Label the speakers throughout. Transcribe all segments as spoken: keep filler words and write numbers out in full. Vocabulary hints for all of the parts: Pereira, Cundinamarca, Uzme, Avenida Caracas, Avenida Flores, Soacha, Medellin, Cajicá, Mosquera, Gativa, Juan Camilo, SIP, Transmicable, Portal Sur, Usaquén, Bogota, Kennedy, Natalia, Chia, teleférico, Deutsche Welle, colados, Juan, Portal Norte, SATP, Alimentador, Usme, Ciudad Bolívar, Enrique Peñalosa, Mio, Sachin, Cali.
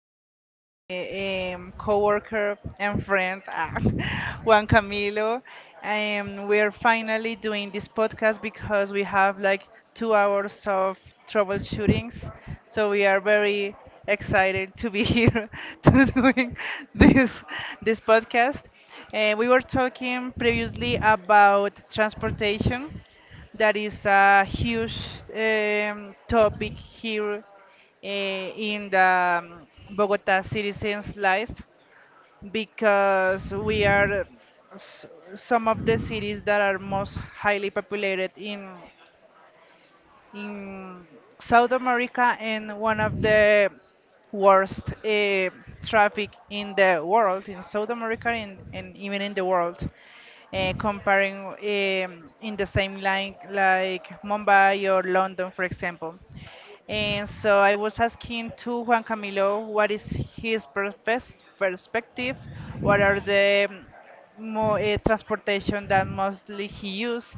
Speaker 1: with my um, coworker and friend, ah, Juan Camilo. Um, we're finally doing this podcast because we have like two hours of troubleshootings. So we are very excited to be here to doing this this podcast. Uh, we were talking previously about transportation that is a huge um, topic here uh, in the um, Bogota citizens' life because we are s- some of the cities that are most highly populated in in South America and one of the worst uh, traffic in the world, in South America and, and even in the world. Uh, comparing um, in the same line like Mumbai or London, for example. And so I was asking to Juan Camilo what is his perfes- perspective, what are the mm, mo uh, transportation that mostly he use,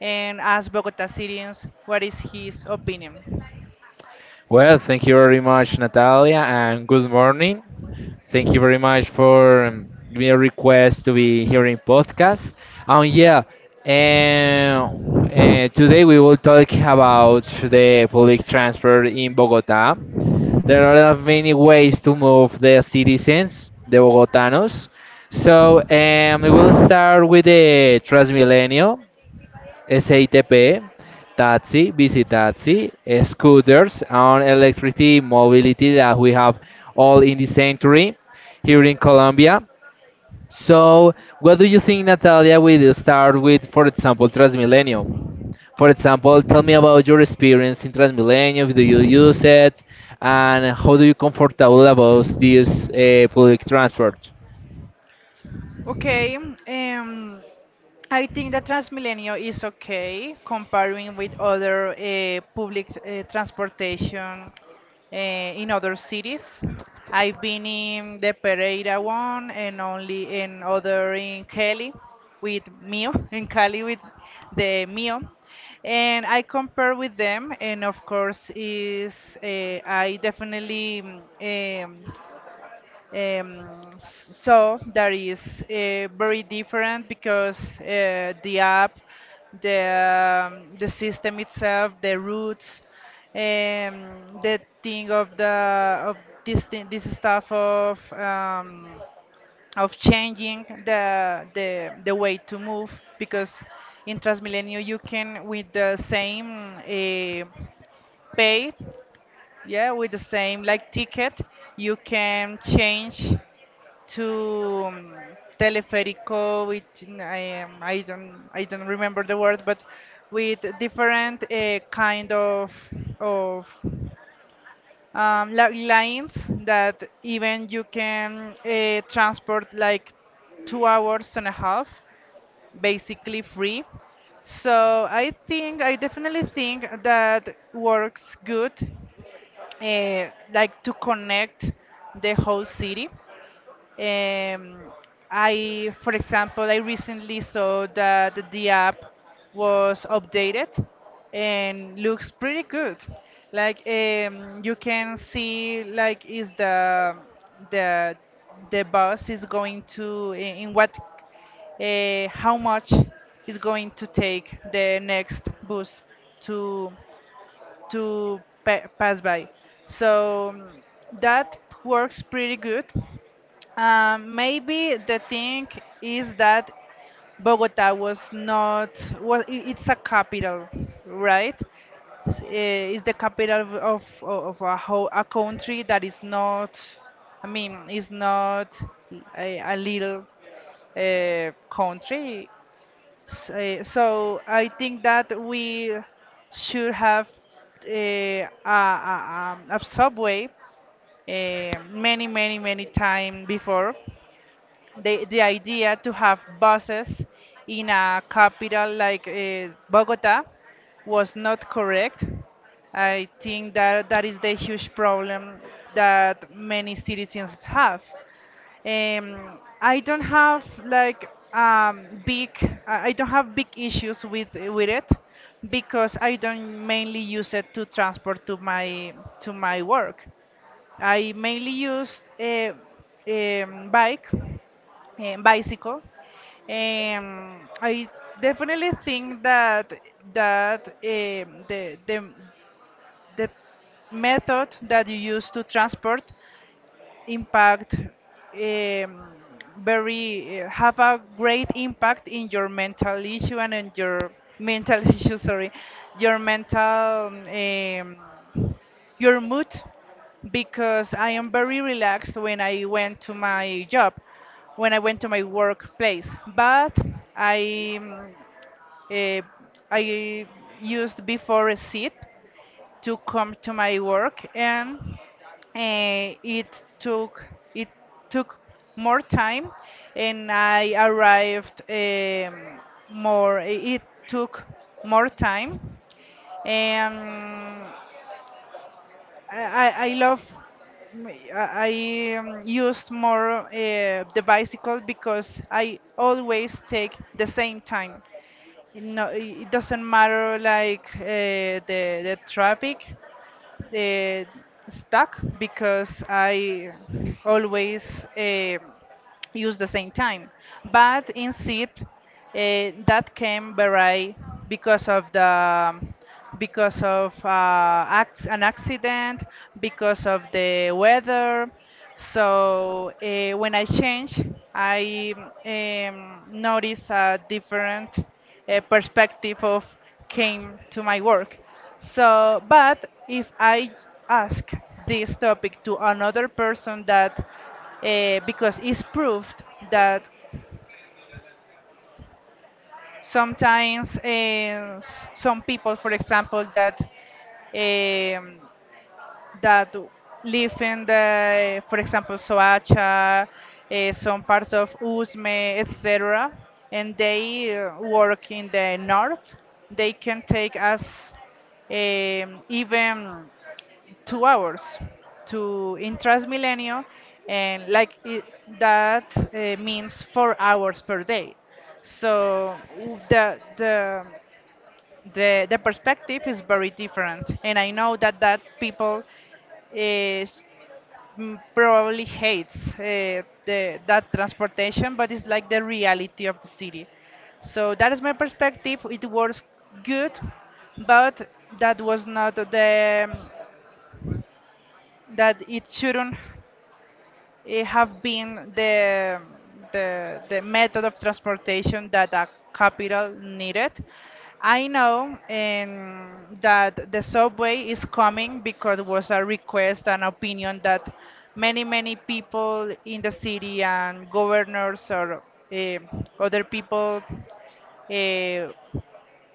Speaker 1: and as Bogota citizens, what is his opinion?
Speaker 2: Well, thank you very much, Natalia, and good morning. Thank you very much for um, giving me a request to be here in podcast. Um, yeah, and uh, today we will talk about the public transport in Bogota. There are many ways to move the citizens, the Bogotanos. So um, we will start with the Transmilenio. S A T P, taxi, busy taxi, scooters, and electricity mobility that we have all in the century here in Colombia. So, what do you think, Natalia? We start with, for example, Transmilenio. For example, tell me about your experience in Transmilenio. Do you use it, and how do you comfortable about this uh, public transport?
Speaker 1: Okay, um, I think that Transmilenio is okay comparing with other uh, public uh, transportation uh, in other cities. I've been in the Pereira one and only in other in Cali with Mio, in Cali with the Mio. And I compare with them, and of course, is uh, I definitely um, um, so that is uh, very different because uh, the app, the um, the system itself, the roots, um, the thing of the of this thing, this stuff of um, of changing the the the way to move because in Transmilenio you can with the same uh, pay, yeah, with the same like ticket, you can change to um, teleférico which n- I, um, I don't I don't remember the word but with different uh, kind of of um, li- lines that even you can uh, transport like two hours and a half basically free. So I think I definitely think that works good, uh, like to connect the whole city. um, I, for example, I recently saw that the app was updated and looks pretty good. Like um, you can see, like is the the the bus is going to in in what uh, how much is going to take the next bus to to pa- pass by. So um, that works pretty good. Um, maybe the thing is that Bogota was not, well, i- it's a capital, right? S- eh, It's the capital of, of, of a whole a country that is not, I mean, is not a, a little uh, country. S- eh, So I think that we should have uh, a, a, a a subway uh, many, many, many time before the, the idea to have buses in a capital like uh, Bogota was not correct. I think that that is the huge problem that many citizens have. Um, I don't have like um, big. I I don't have big issues with with it because I don't mainly use it to transport to my to my work. I mainly used a, um bike, eh, bicycle. Um, I definitely think that that um, the the the method that you use to transport impact um, very uh, have a great impact in your mental issue and in your mental issue, sorry, your mental um, your mood, because I am very relaxed when I went to my job, when I went to my workplace. But I um, uh, I used before a sip to come to my work, and uh, it took it took more time, and I arrived um, more it took more time. And I, I I love I I, um, used more uh, the bicycle because I always take the same time. No, it doesn't matter like uh, the the traffic uh, stuck, because I always um use the same time. But in SIP, uh, that can vary because of the because of uh, acts, an accident, because of the weather. So uh, when I change, I um, notice a different uh, perspective of came to my work. So, but if I ask this topic to another person that, uh, because it's proved that sometimes eh, some people, for example, that um, that live in the, for example, Soacha, eh, some parts of Uzme, et cetera, and they uh, work in the north, they can take us um, even two hours to in Transmilenio, and like it, that uh, means four hours per day. So w- the the the the perspective is very different, and I know that that people is mm, probably hates uh, the that transportation, but it's like the reality of the city. So that is my perspective. It works good, but that was not the that it shouldn't eh, have been the, the, the method of transportation that a capital needed. I know um, that the subway is coming because it was a request and opinion that many, many people in the city and governors or eh, other people uh,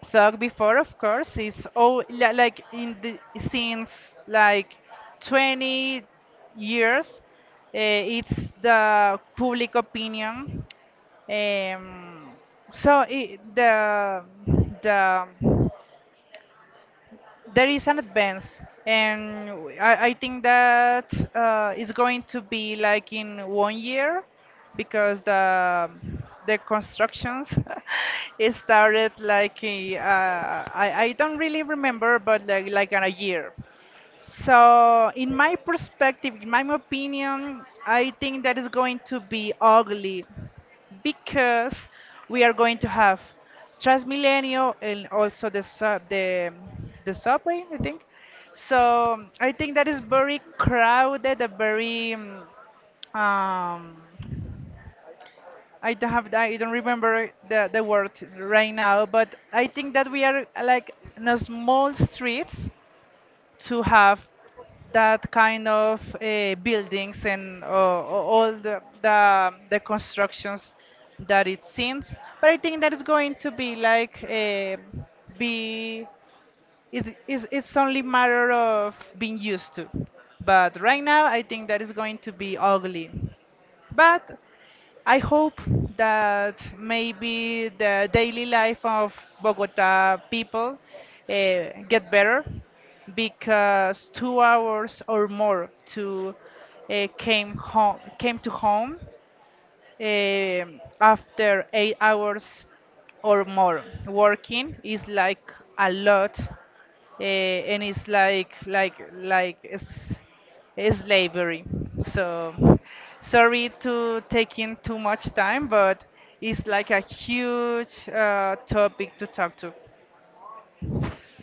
Speaker 1: thought before. Of course, is oh, li- like in the since like twenty years, uh, it's the public opinion. Um, so it, the the there is an advance, and w- I, I think that uh, it's going to be like in one year because the the constructions it started like a- uh, I I don't really remember, but like like in a year. So, in my perspective, in my opinion, I think that is going to be ugly because we are going to have Transmilenio and also the sub, the the subway, I think. So, I think that is very crowded, a very um, um, I don't have I don't remember the the word right now, but I think that we are like in a small streets to have that kind of uh, buildings and uh, all the, the the constructions that it seems. But I think that it's going to be like uh, be it, it's, it's only matter of being used to. But right now, I think that it's going to be ugly. But I hope that maybe the daily life of Bogota people uh, get better, because two hours or more to uh, came home came to home um, after eight hours or more working is like a lot, uh, and it's like like like it's, it's slavery. So sorry to taking too much time, but it's like a huge uh, topic to talk to.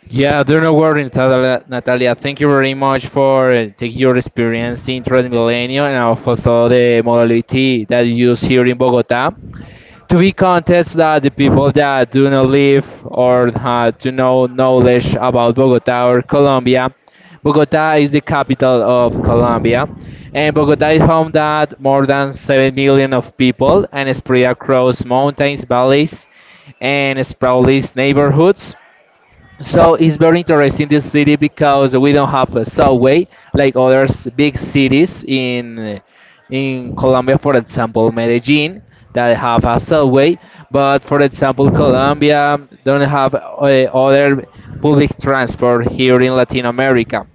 Speaker 2: Yeah, do not worry, Natalia. Natalia, thank you very much for uh, taking your experience in Transmilenio and also the modality that you use here in Bogota to be contests that the people that do not live or have to know knowledge about Bogota or Colombia. Bogota is the capital of Colombia, and Bogota is home that more than seven million of people and spread across mountains, valleys, and sprawly neighborhoods. So it's very interesting this city because we don't have a subway like other s- big cities in in Colombia, for example, Medellin that have a subway, but for example, Colombia don't have uh, other public transport here in Latin America.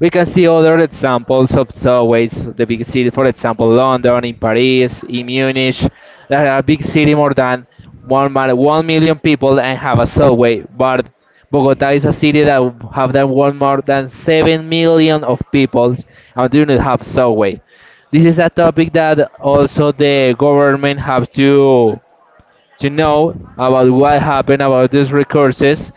Speaker 2: We can see other examples of subways, the big city, for example, London, in Paris, in Munich, that are big city more than one, mil- one million people and have a subway. But Bogota is a city that have than one more than seven million of people and do not have subway. This is a topic that also the government have to to know about what
Speaker 1: So
Speaker 2: happened about these resources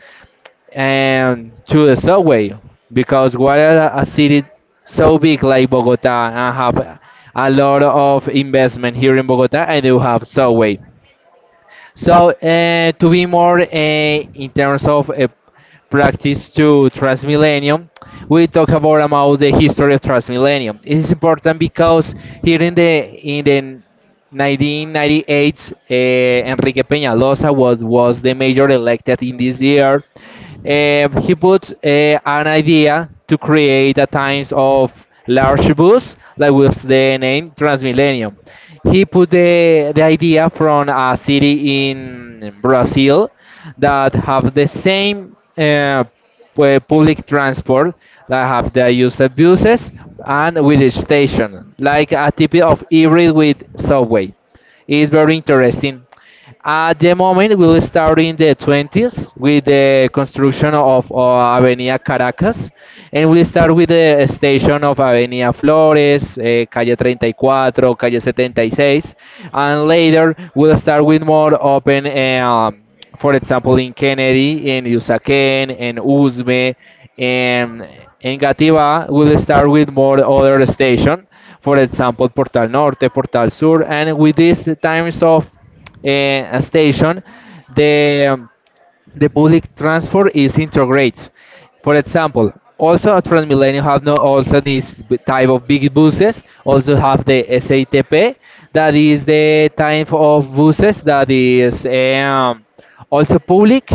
Speaker 2: and to the subway because what a, a city so big like Bogota and have a lot of investment here in Bogota and you have subway. So uh, to be more uh, in terms of uh, practice to Transmillennium, we talk about about the history of Transmillennium. It is important because here in the in the nineteen ninety-eight, uh, Enrique Peñalosa was, was the mayor elected in this year. Uh, he put uh, an idea to create a times of large bus, that was the name Transmilenio. He put the, the idea from a city in Brazil that have the same uh, pu- public transport that have the use of buses and with a station, like a type of hybrid with subway. It's very interesting. At the moment, we will start in the twenties with the construction of uh, Avenida Caracas, and we'll start with the station of Avenida Flores, eh, Calle thirty-four, Calle seventy-six, and later we'll start with more open, eh, um, for example, in Kennedy, in Usaquén, in Usme, and in Gativa, we'll start with more other station, for example, Portal Norte, Portal Sur, and with these times of uh, station, the um, the public transport is integrated. For example, also at Transmilenio have no also this b- type of big buses. Also have the S A T P, that is the type of buses that is um, also public,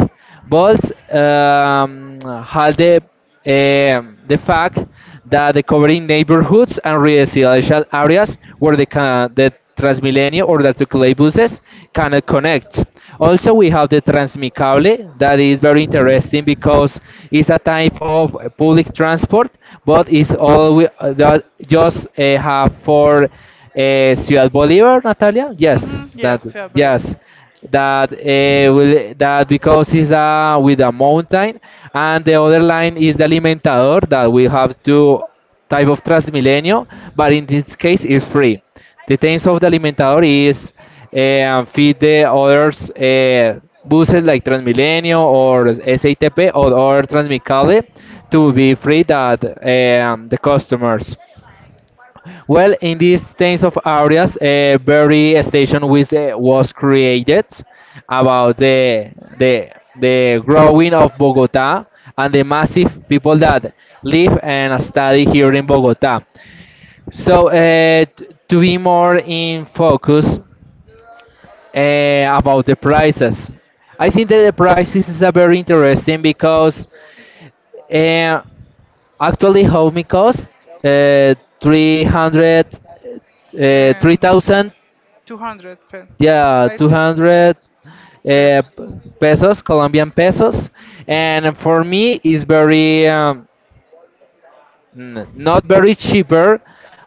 Speaker 2: but um, have the um, the fact that the covering neighborhoods and residential areas where the, ca- the Transmilenio or the Articulate buses cannot connect. Also, we have the Transmicable that is very interesting because it's a type of public transport, but it's all we, uh, that just uh, have for uh, Ciudad Bolívar, Natalia. Yes,
Speaker 1: hmm
Speaker 2: that
Speaker 1: yes, yeah,
Speaker 2: yes
Speaker 1: believable.
Speaker 2: that uh, will, that because it's uh, with a mountain, and the other line is the Alimentador that we have two type of Transmilenio, but in this case it's free. The terms of the Alimentador is uh, feed the others uh, buses like Transmilenio or S A T P or, or Transmicale to be free that um, the customers. Well, in these kinds of areas, a very station which uh, was created about the the the growing of Bogota and the massive people that live and study here in Bogota. So uh, t- to be more in focus uh, about the prices, I think that the prices is a very interesting because uh, actually home costs uh, three hundred uh, three thousand
Speaker 1: two hundred pen.
Speaker 2: yeah two hundred uh, p- pesos colombian pesos and for me is very um, n- not very cheaper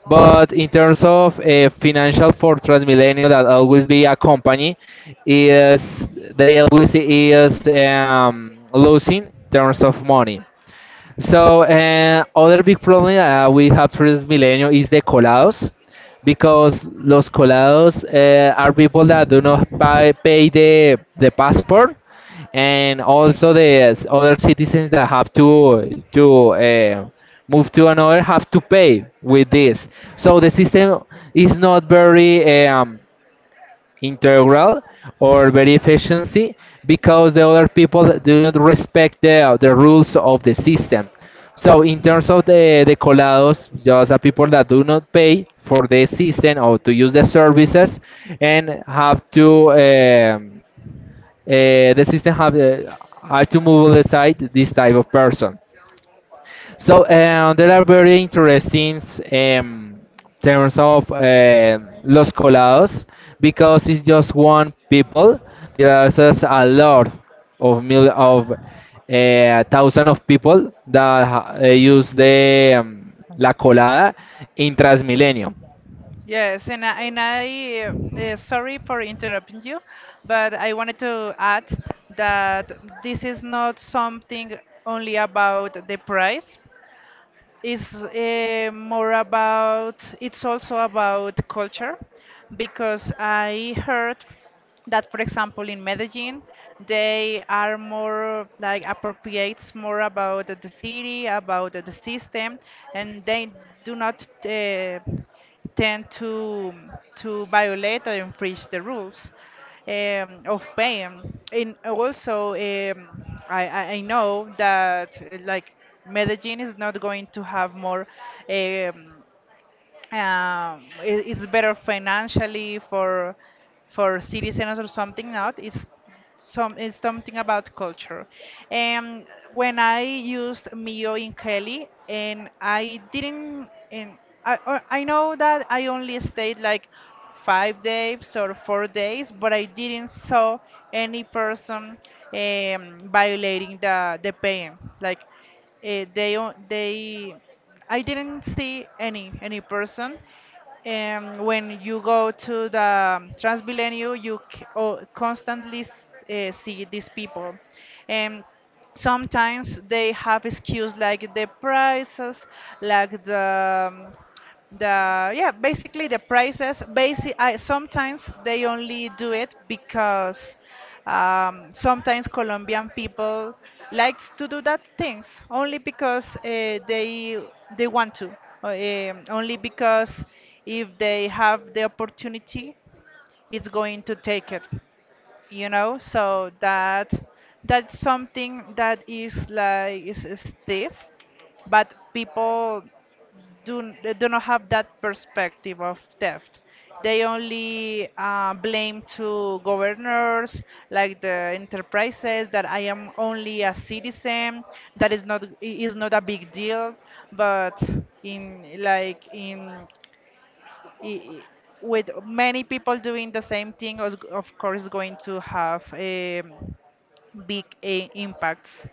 Speaker 2: but in terms of uh, financial for transmilenio that always be a company is they always is um, losing terms of money. So uh, other big problem that we have for this millennium is the colados, because los colados uh, are people that do not pay, pay the the passport, and also the s- other citizens that have to to uh, move to another have to pay with this. So the system is not very. Um, integral or very efficiency because the other people do not respect the, the rules of the system. So in terms of the, the colados, just are people that do not pay for the system or to use the services and have to um, uh, the system have uh, have to move aside this type of person. So uh, there are very interesting um, terms of uh, los colados because it's just one people. There are just a lot of mil of uh, thousand of people that ha- uh, use the um, la colada in Transmilenio.
Speaker 1: Yes, and I, and I uh, uh, sorry for interrupting you, but I wanted to add that this is not something only about the price. It's uh, more about, it's also about culture, because I heard that, for example, in Medellin, they are more like appropriates more about the city, about the system, and they do not uh, tend to to violate or infringe the rules um, of paying. And also, um, I, I I know that uh, like Medellin is not going to have more. Um, um, it, it's better financially for for citizens or something. Not it's some, it's something about culture. And when I used Mio in Kelly and I didn't, and I, or- I know that I only stayed like five days or four days, but I didn't saw any person um, violating the the pain, like uh, they o- they I didn't see any any person. And when you go to the um, Transmilenio, you c- o- constantly s- uh, see these people. And sometimes they have excuse like the prices, like the um, the yeah, basically the prices basic. I, sometimes they only do it because um, sometimes Colombian people likes to do that things only because uh, they they want to, or, um, only because if they have the opportunity it's going to take it you know So that that's something that is like is stiff, but people do, n- they do not have that perspective of theft. They only uh, blame to governors like the enterprises, that I am only a citizen, that is not i- is not a big deal. But in like in i- with many people doing the same thing, of of course, going to have um, big eh, impacts.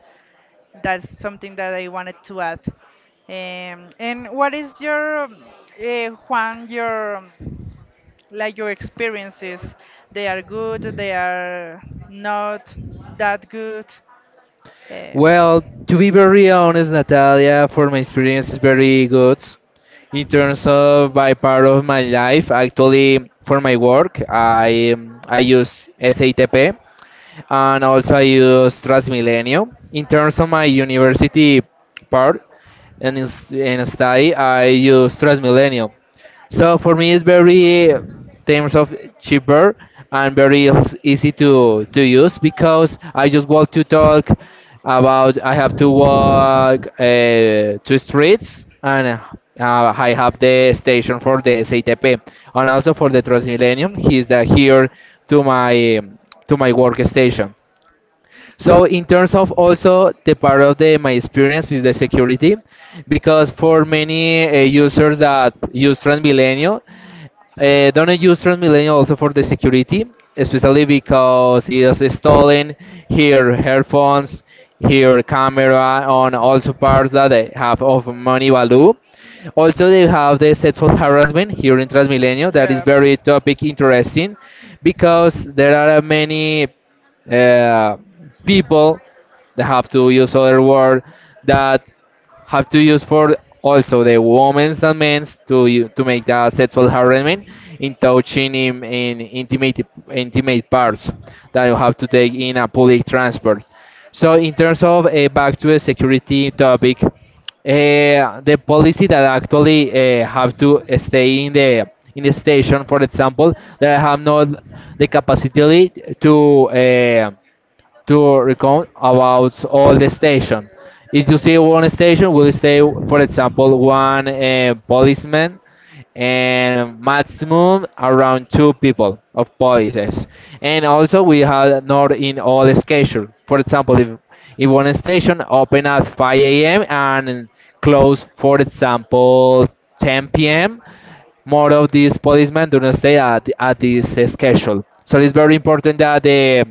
Speaker 1: That's something that I wanted to add. Um, and what is your, uh, Juan, your um, like your experiences? They are good. They are not that good. eh,
Speaker 2: Well, to be very honest, Natalia, for my experience is very good. In terms of by part of my life, actually for my work, I um, I use S A T P and also I use Transmilenio. In terms of my university part and in, s- in study, I use Transmilenio. So for me, it's very terms of cheaper and very eas- easy to to use because I just want to talk about I have to walk uh, two streets and uh, I have the station for the S I T P and also for the Transmillennium. He's the here to my to my workstation. So in terms of also the part of the my experience is the security, because for many uh, users that use Transmilenio, uh, don't use Transmilenio also for the security, especially because it is stolen here headphones, here camera, on also parts that they have of money value. Also, they have the sexual harassment here in Transmilenio. That is very topic interesting because there are many uh, people that have to use other word that have to use for also the women's and men's to u- to make the sexual harassment in touching in, in intimate intimate parts that you have to take in a public transport. So in terms of uh, back to the security topic, uh, the policy that actually uh, have to stay in the in the station, for example, that have not the capacity to uh, to recount about all the station. If you see one station, will stay, for example, one uh, policeman and maximum around two people of policies. And also we have not in all schedule. For example, if, if one station open at five a m and close, for example, ten p.m more of these policemen do not stay at, at this uh, schedule. So it's very important that the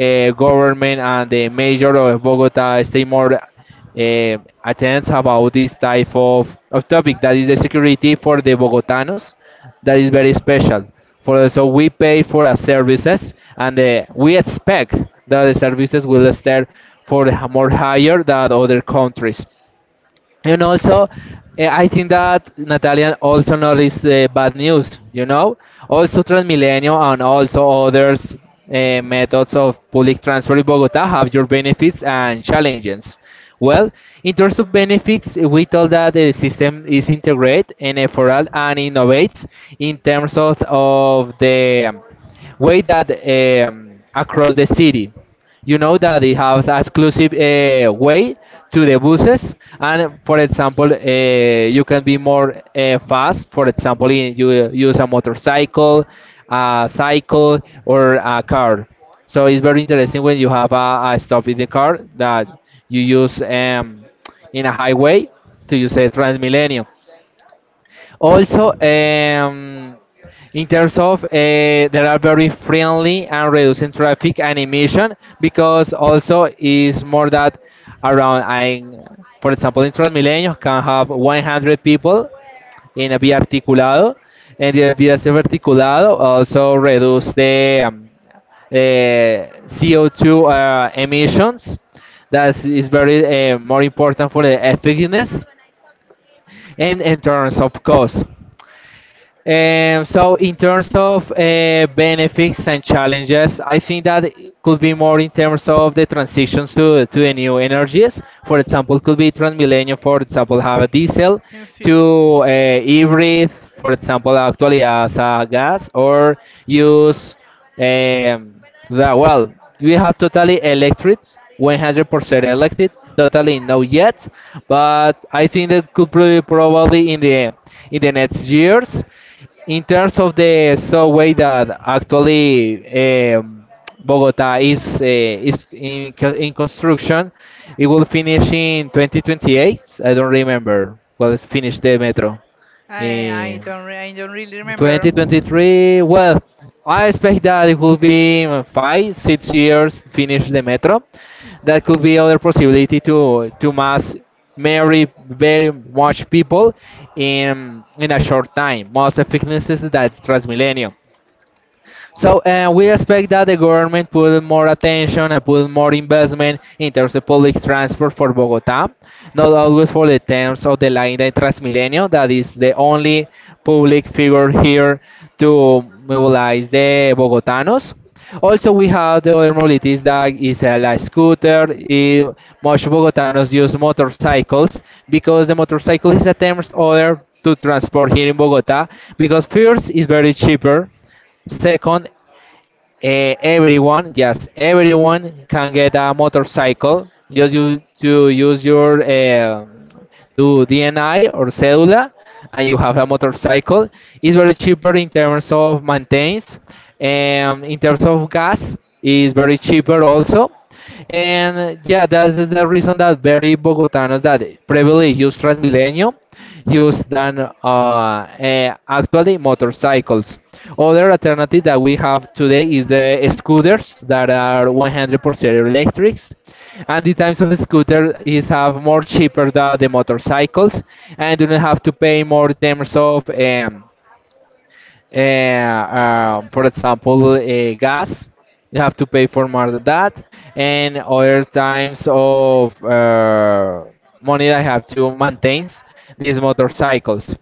Speaker 2: uh, government and the mayor of Bogota stay more uh, attends about this type of, of topic that is the security for the Bogotanos that is very special for so we pay for our services and uh, we expect that the services will stay for the more higher than other countries and also, eh, I think that Natalia also noticed uh, bad news, you know? Also, Transmilenio and also others uh, methods of public transport in Bogota have your benefits and challenges. Well, in terms of benefits, eh, we told that the system is integrated and effortful and innovates in terms of, of the way that um, across the city you know that it has exclusive uh, way to the buses and for example uh, you can be more uh, fast for example in, you uh, use a motorcycle a cycle or a car so it's very interesting when you have a, a stop in the car that you use um, in a highway to use a transmilenio also, um, in terms of uh, they are very friendly and reducing traffic and emission because also is more that around I, for example, in Transmilenio can have one hundred people in a vía articulado, and the vía articulado also reduce the um, uh, C O two uh, emissions. That is very uh, more important for the effectiveness and in terms of cost. Um, so in terms of uh, benefits and challenges, I think that it could be more in terms of the transition to, to the new energies. For example, could be Transmilenio, for example, have a diesel
Speaker 1: Can see.
Speaker 2: to uh, hybrid, for example, actually as a gas or use. Um, that well, we have totally electric, one hundred percent electric, totally no yet, but I think that could be probably in the in the next years. In terms of the so way that actually um, Bogota is uh, is in co- in construction, it will finish in twenty twenty-eight. I don't remember. Well, it's finished the metro.
Speaker 1: I I
Speaker 2: Eh,
Speaker 1: don't re I don't really remember.
Speaker 2: twenty twenty-three, well, I expect that it will be uh, five, six years finish the metro. That could be other possibility to to mass marry very much people in in a short time. Most effectiveness is that Transmilenio. So uh, we expect that the government put more attention and put more investment in terms of public transport for Bogota, not always for the terms of the line that Transmilenio, that is the only public figure here to mobilize the Bogotanos. Also, we have the other mobilities that is uh, like scooter. Eh, much Bogotanos use motorcycles because the motorcycle is a terms order to transport here in Bogota because first is very cheaper. Second, eh, everyone, yes, everyone can get a motorcycle. Just you to use your uh, to D N I or cédula, and you have a motorcycle. It's very cheaper in terms of maintenance, and in terms of gas, is very cheaper also. And yeah, that is the reason that very Bogotanos that privilege use Transmilenio used than uh, uh, actually motorcycles. Other alternative that we have today is the scooters that are one hundred percent electrics, and the times of scooter is have more cheaper than the motorcycles, and do not have to pay more in terms of um, uh, uh, for example, uh, gas, you have to pay for more than that, and other times of uh, money that I have to maintain these motorcycles.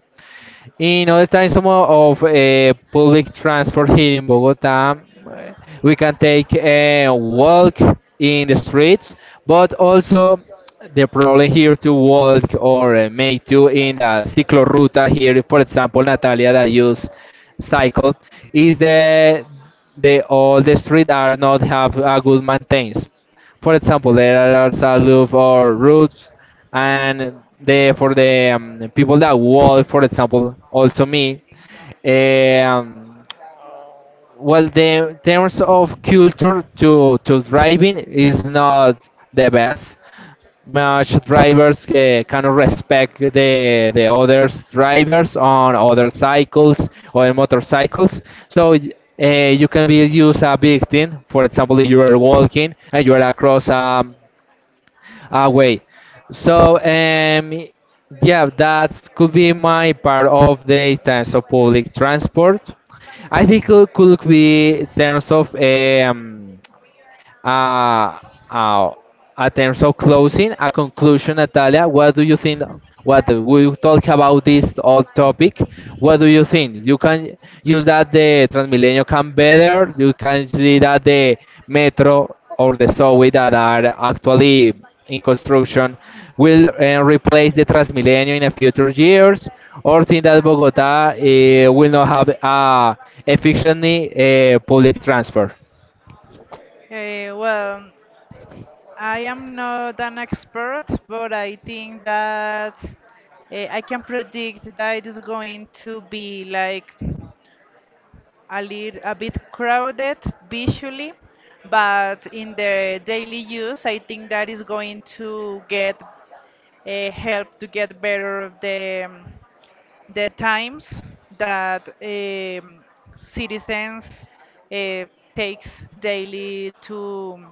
Speaker 2: In other times some of uh, public transport here in Bogota, uh, we can take a walk in the streets, but also the problem here to walk or uh, make to in the cicloruta here, for example, Natalia that use cycle, is the the all the street are not have a good maintenance. For example, there are salute or routes, and the for the um, people that walk, for example, also me. eh, Um, well, the terms of culture to to driving is not the best. Much drivers uh, cannot respect the the others drivers on other cycles or motorcycles. So uh, you can be used a victim. For example, if you are walking and you are across a away. So um, yeah, that could be my part of the times of public transport. I think it could be in terms of um, uh, uh, in terms of closing, a conclusion, Natalia, what do you think? What we talk about this all topic? What do you think? You can use that the Transmilenio can better. You can see that the metro or the subway that are actually in construction will uh, replace the Transmilenio in the future years, or think that Bogota uh, will not have uh, efficiently uh, public transport.
Speaker 1: Eh, well, I am not an expert, but I think that eh, I can predict that it is going to be like a little a bit crowded visually, but in the daily use, I think that is going to get uh, help to get better the um, the times that um, citizens uh, takes daily to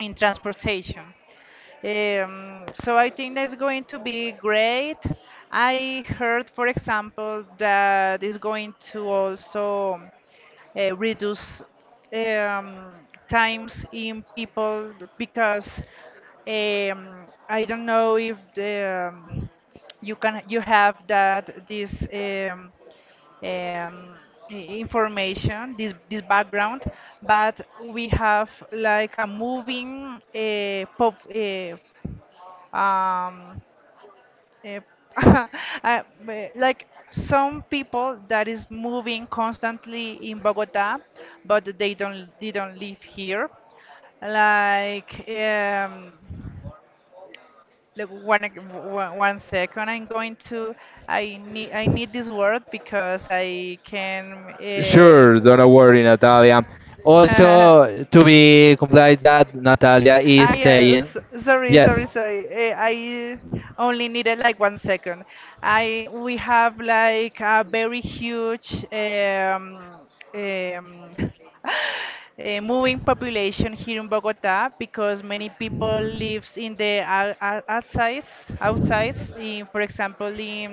Speaker 1: in transportation. Um, so I think that's going to be great. I heard, for example, that is going to also uh, reduce um, times in people because um, I don't know if the um, you can you have that this um, um, i- information, this this background, but we have like a moving uh, pop uh, um, uh, uh, but like some people that is moving constantly in Bogota, but they don't they don't live here. Like um, like one ec- one one second, I'm going to I need I need this word because I can.
Speaker 2: Sure, don't worry, Natalia.
Speaker 1: Uh,
Speaker 2: Also, to be complied that Natalia is
Speaker 1: Ah,
Speaker 2: saying
Speaker 1: yes. Sorry,
Speaker 2: yes
Speaker 1: sorry, sorry. Eh, I only needed like one second. I We have like a very huge um, um, a moving population here in Bogota because many people lives in the ou- ou- outsides, outsides. In, for example, in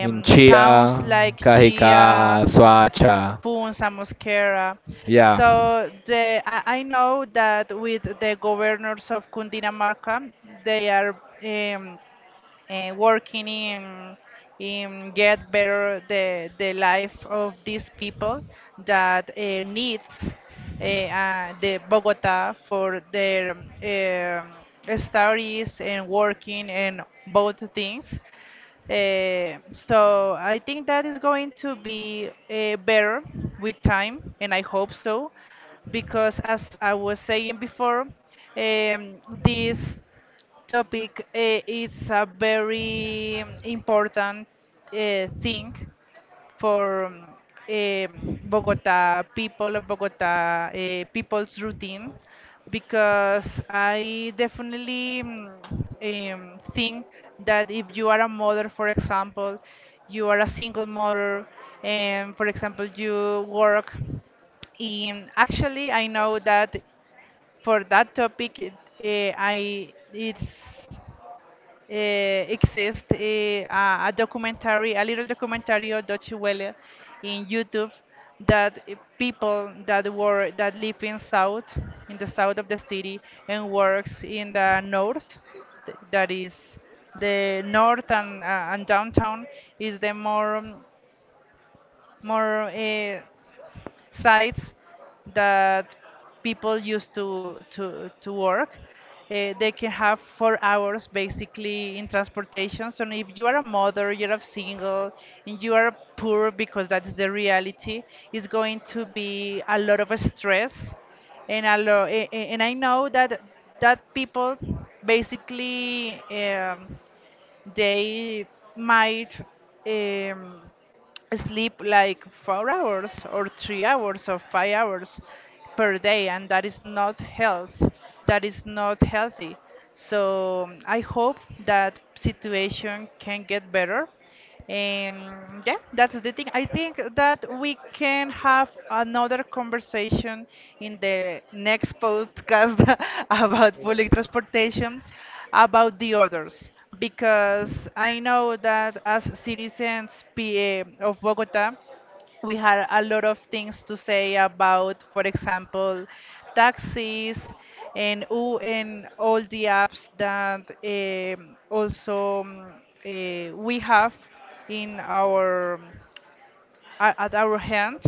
Speaker 2: in
Speaker 1: towns
Speaker 2: Chia,
Speaker 1: like Chia,
Speaker 2: Cajicá, Suacha.
Speaker 1: Funza, Mosquera.
Speaker 2: Yeah.
Speaker 1: So the I, I know that with the governors of Cundinamarca, they are um, uh, working in in get better the the life of these people that uh, needs uh, uh, the Bogota for their um, studies and working and both things. Uh, so I think that is going to be uh, better with time, and I hope so, because as I was saying before, um, this topic uh, is a very important uh, thing for um, um, Bogota people of Bogota uh, people's routine, because I definitely mm, um, think that if you are a mother, for example, you are a single mother, and for example, you work in actually, I know that for that topic, it, eh, I it's uh, exists uh, a, a documentary, a little documentary of Deutsche Welle in YouTube that uh, people that were that live in south, in the south of the city, and works in the north, th- that is the north and, uh, and downtown is the more um, more uh, sites that people used to to to work. Uh, they can have four hours basically in transportation. So if you are a mother, you're a single, and you are poor because that's the reality, it's going to be a lot of stress, and a lo- a- a- and I know that that people basically. Um, they might um, sleep like four hours or three hours or five hours per day, and that is not health. That is not healthy. So I hope that situation can get better. Um, yeah, that's the thing. I think that we can have another conversation in the next podcast about public transportation, about the others, because I know that as citizens P A of Bogota, we had a lot of things to say about, for example, taxis and, u- and all the apps that um, also um, eh, we have in our at at our hand.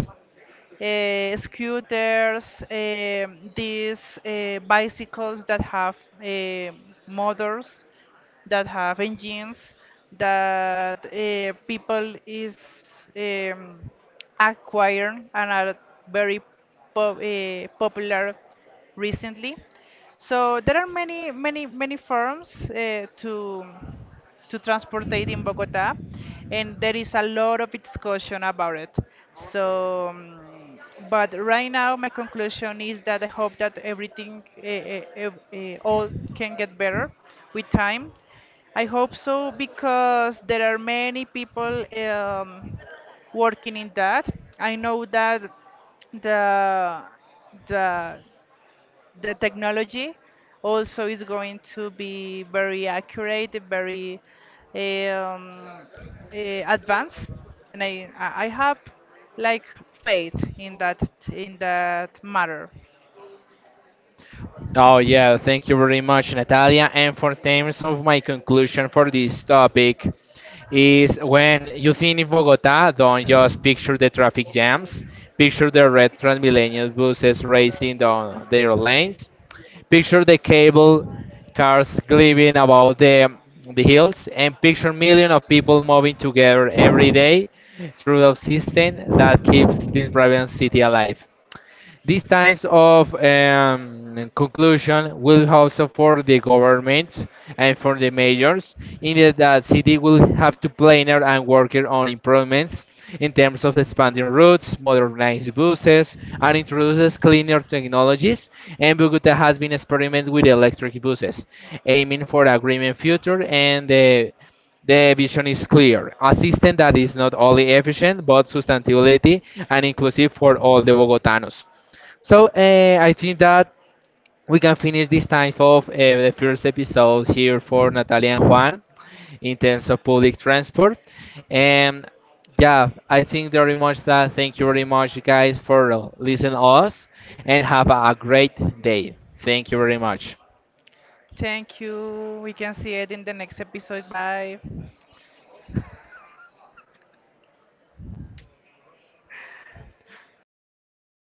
Speaker 1: Uh, scooters, um these uh, bicycles that have eh, motors, that have engines that uh, people is um, acquiring and are very pop, uh, popular recently. So there are many, many, many firms uh, to to transportate in Bogota, and there is a lot of discussion about it. So, um, but right now my conclusion is that I hope that everything, uh, uh, ev- uh, all can get better with time. I hope so because there are many people um, working in that. I know that the the the technology also is going to be very accurate, very um, eh, advanced, and I I I have like faith in that in that matter.
Speaker 2: Oh, yeah, thank you very much, Natalia. And for terms of my conclusion for this topic, is when you think in Bogota, don't just picture the traffic jams, picture the red Transmilenio buses racing down their lanes, picture the cable cars gleaming about the, the hills, and picture millions of people moving together every day through the system that keeps this vibrant city alive. These types of um, conclusion will also for the government and for the mayors, in that the city will have to plan and work on improvements in terms of expanding routes, modernized buses, and introduces cleaner technologies. And Bogota has been experimenting with electric buses, aiming for a greener future and the the vision is clear. A system that is not only efficient but sustainability and inclusive for all the Bogotanos. So uh, I think that we can finish this time of uh, the first episode here for Natalia and Juan in terms of public transport. And yeah, I think very much that thank you very much, guys, for listening us and have a great day. Thank you very much.
Speaker 1: Thank you. We can see it in the next episode. Bye.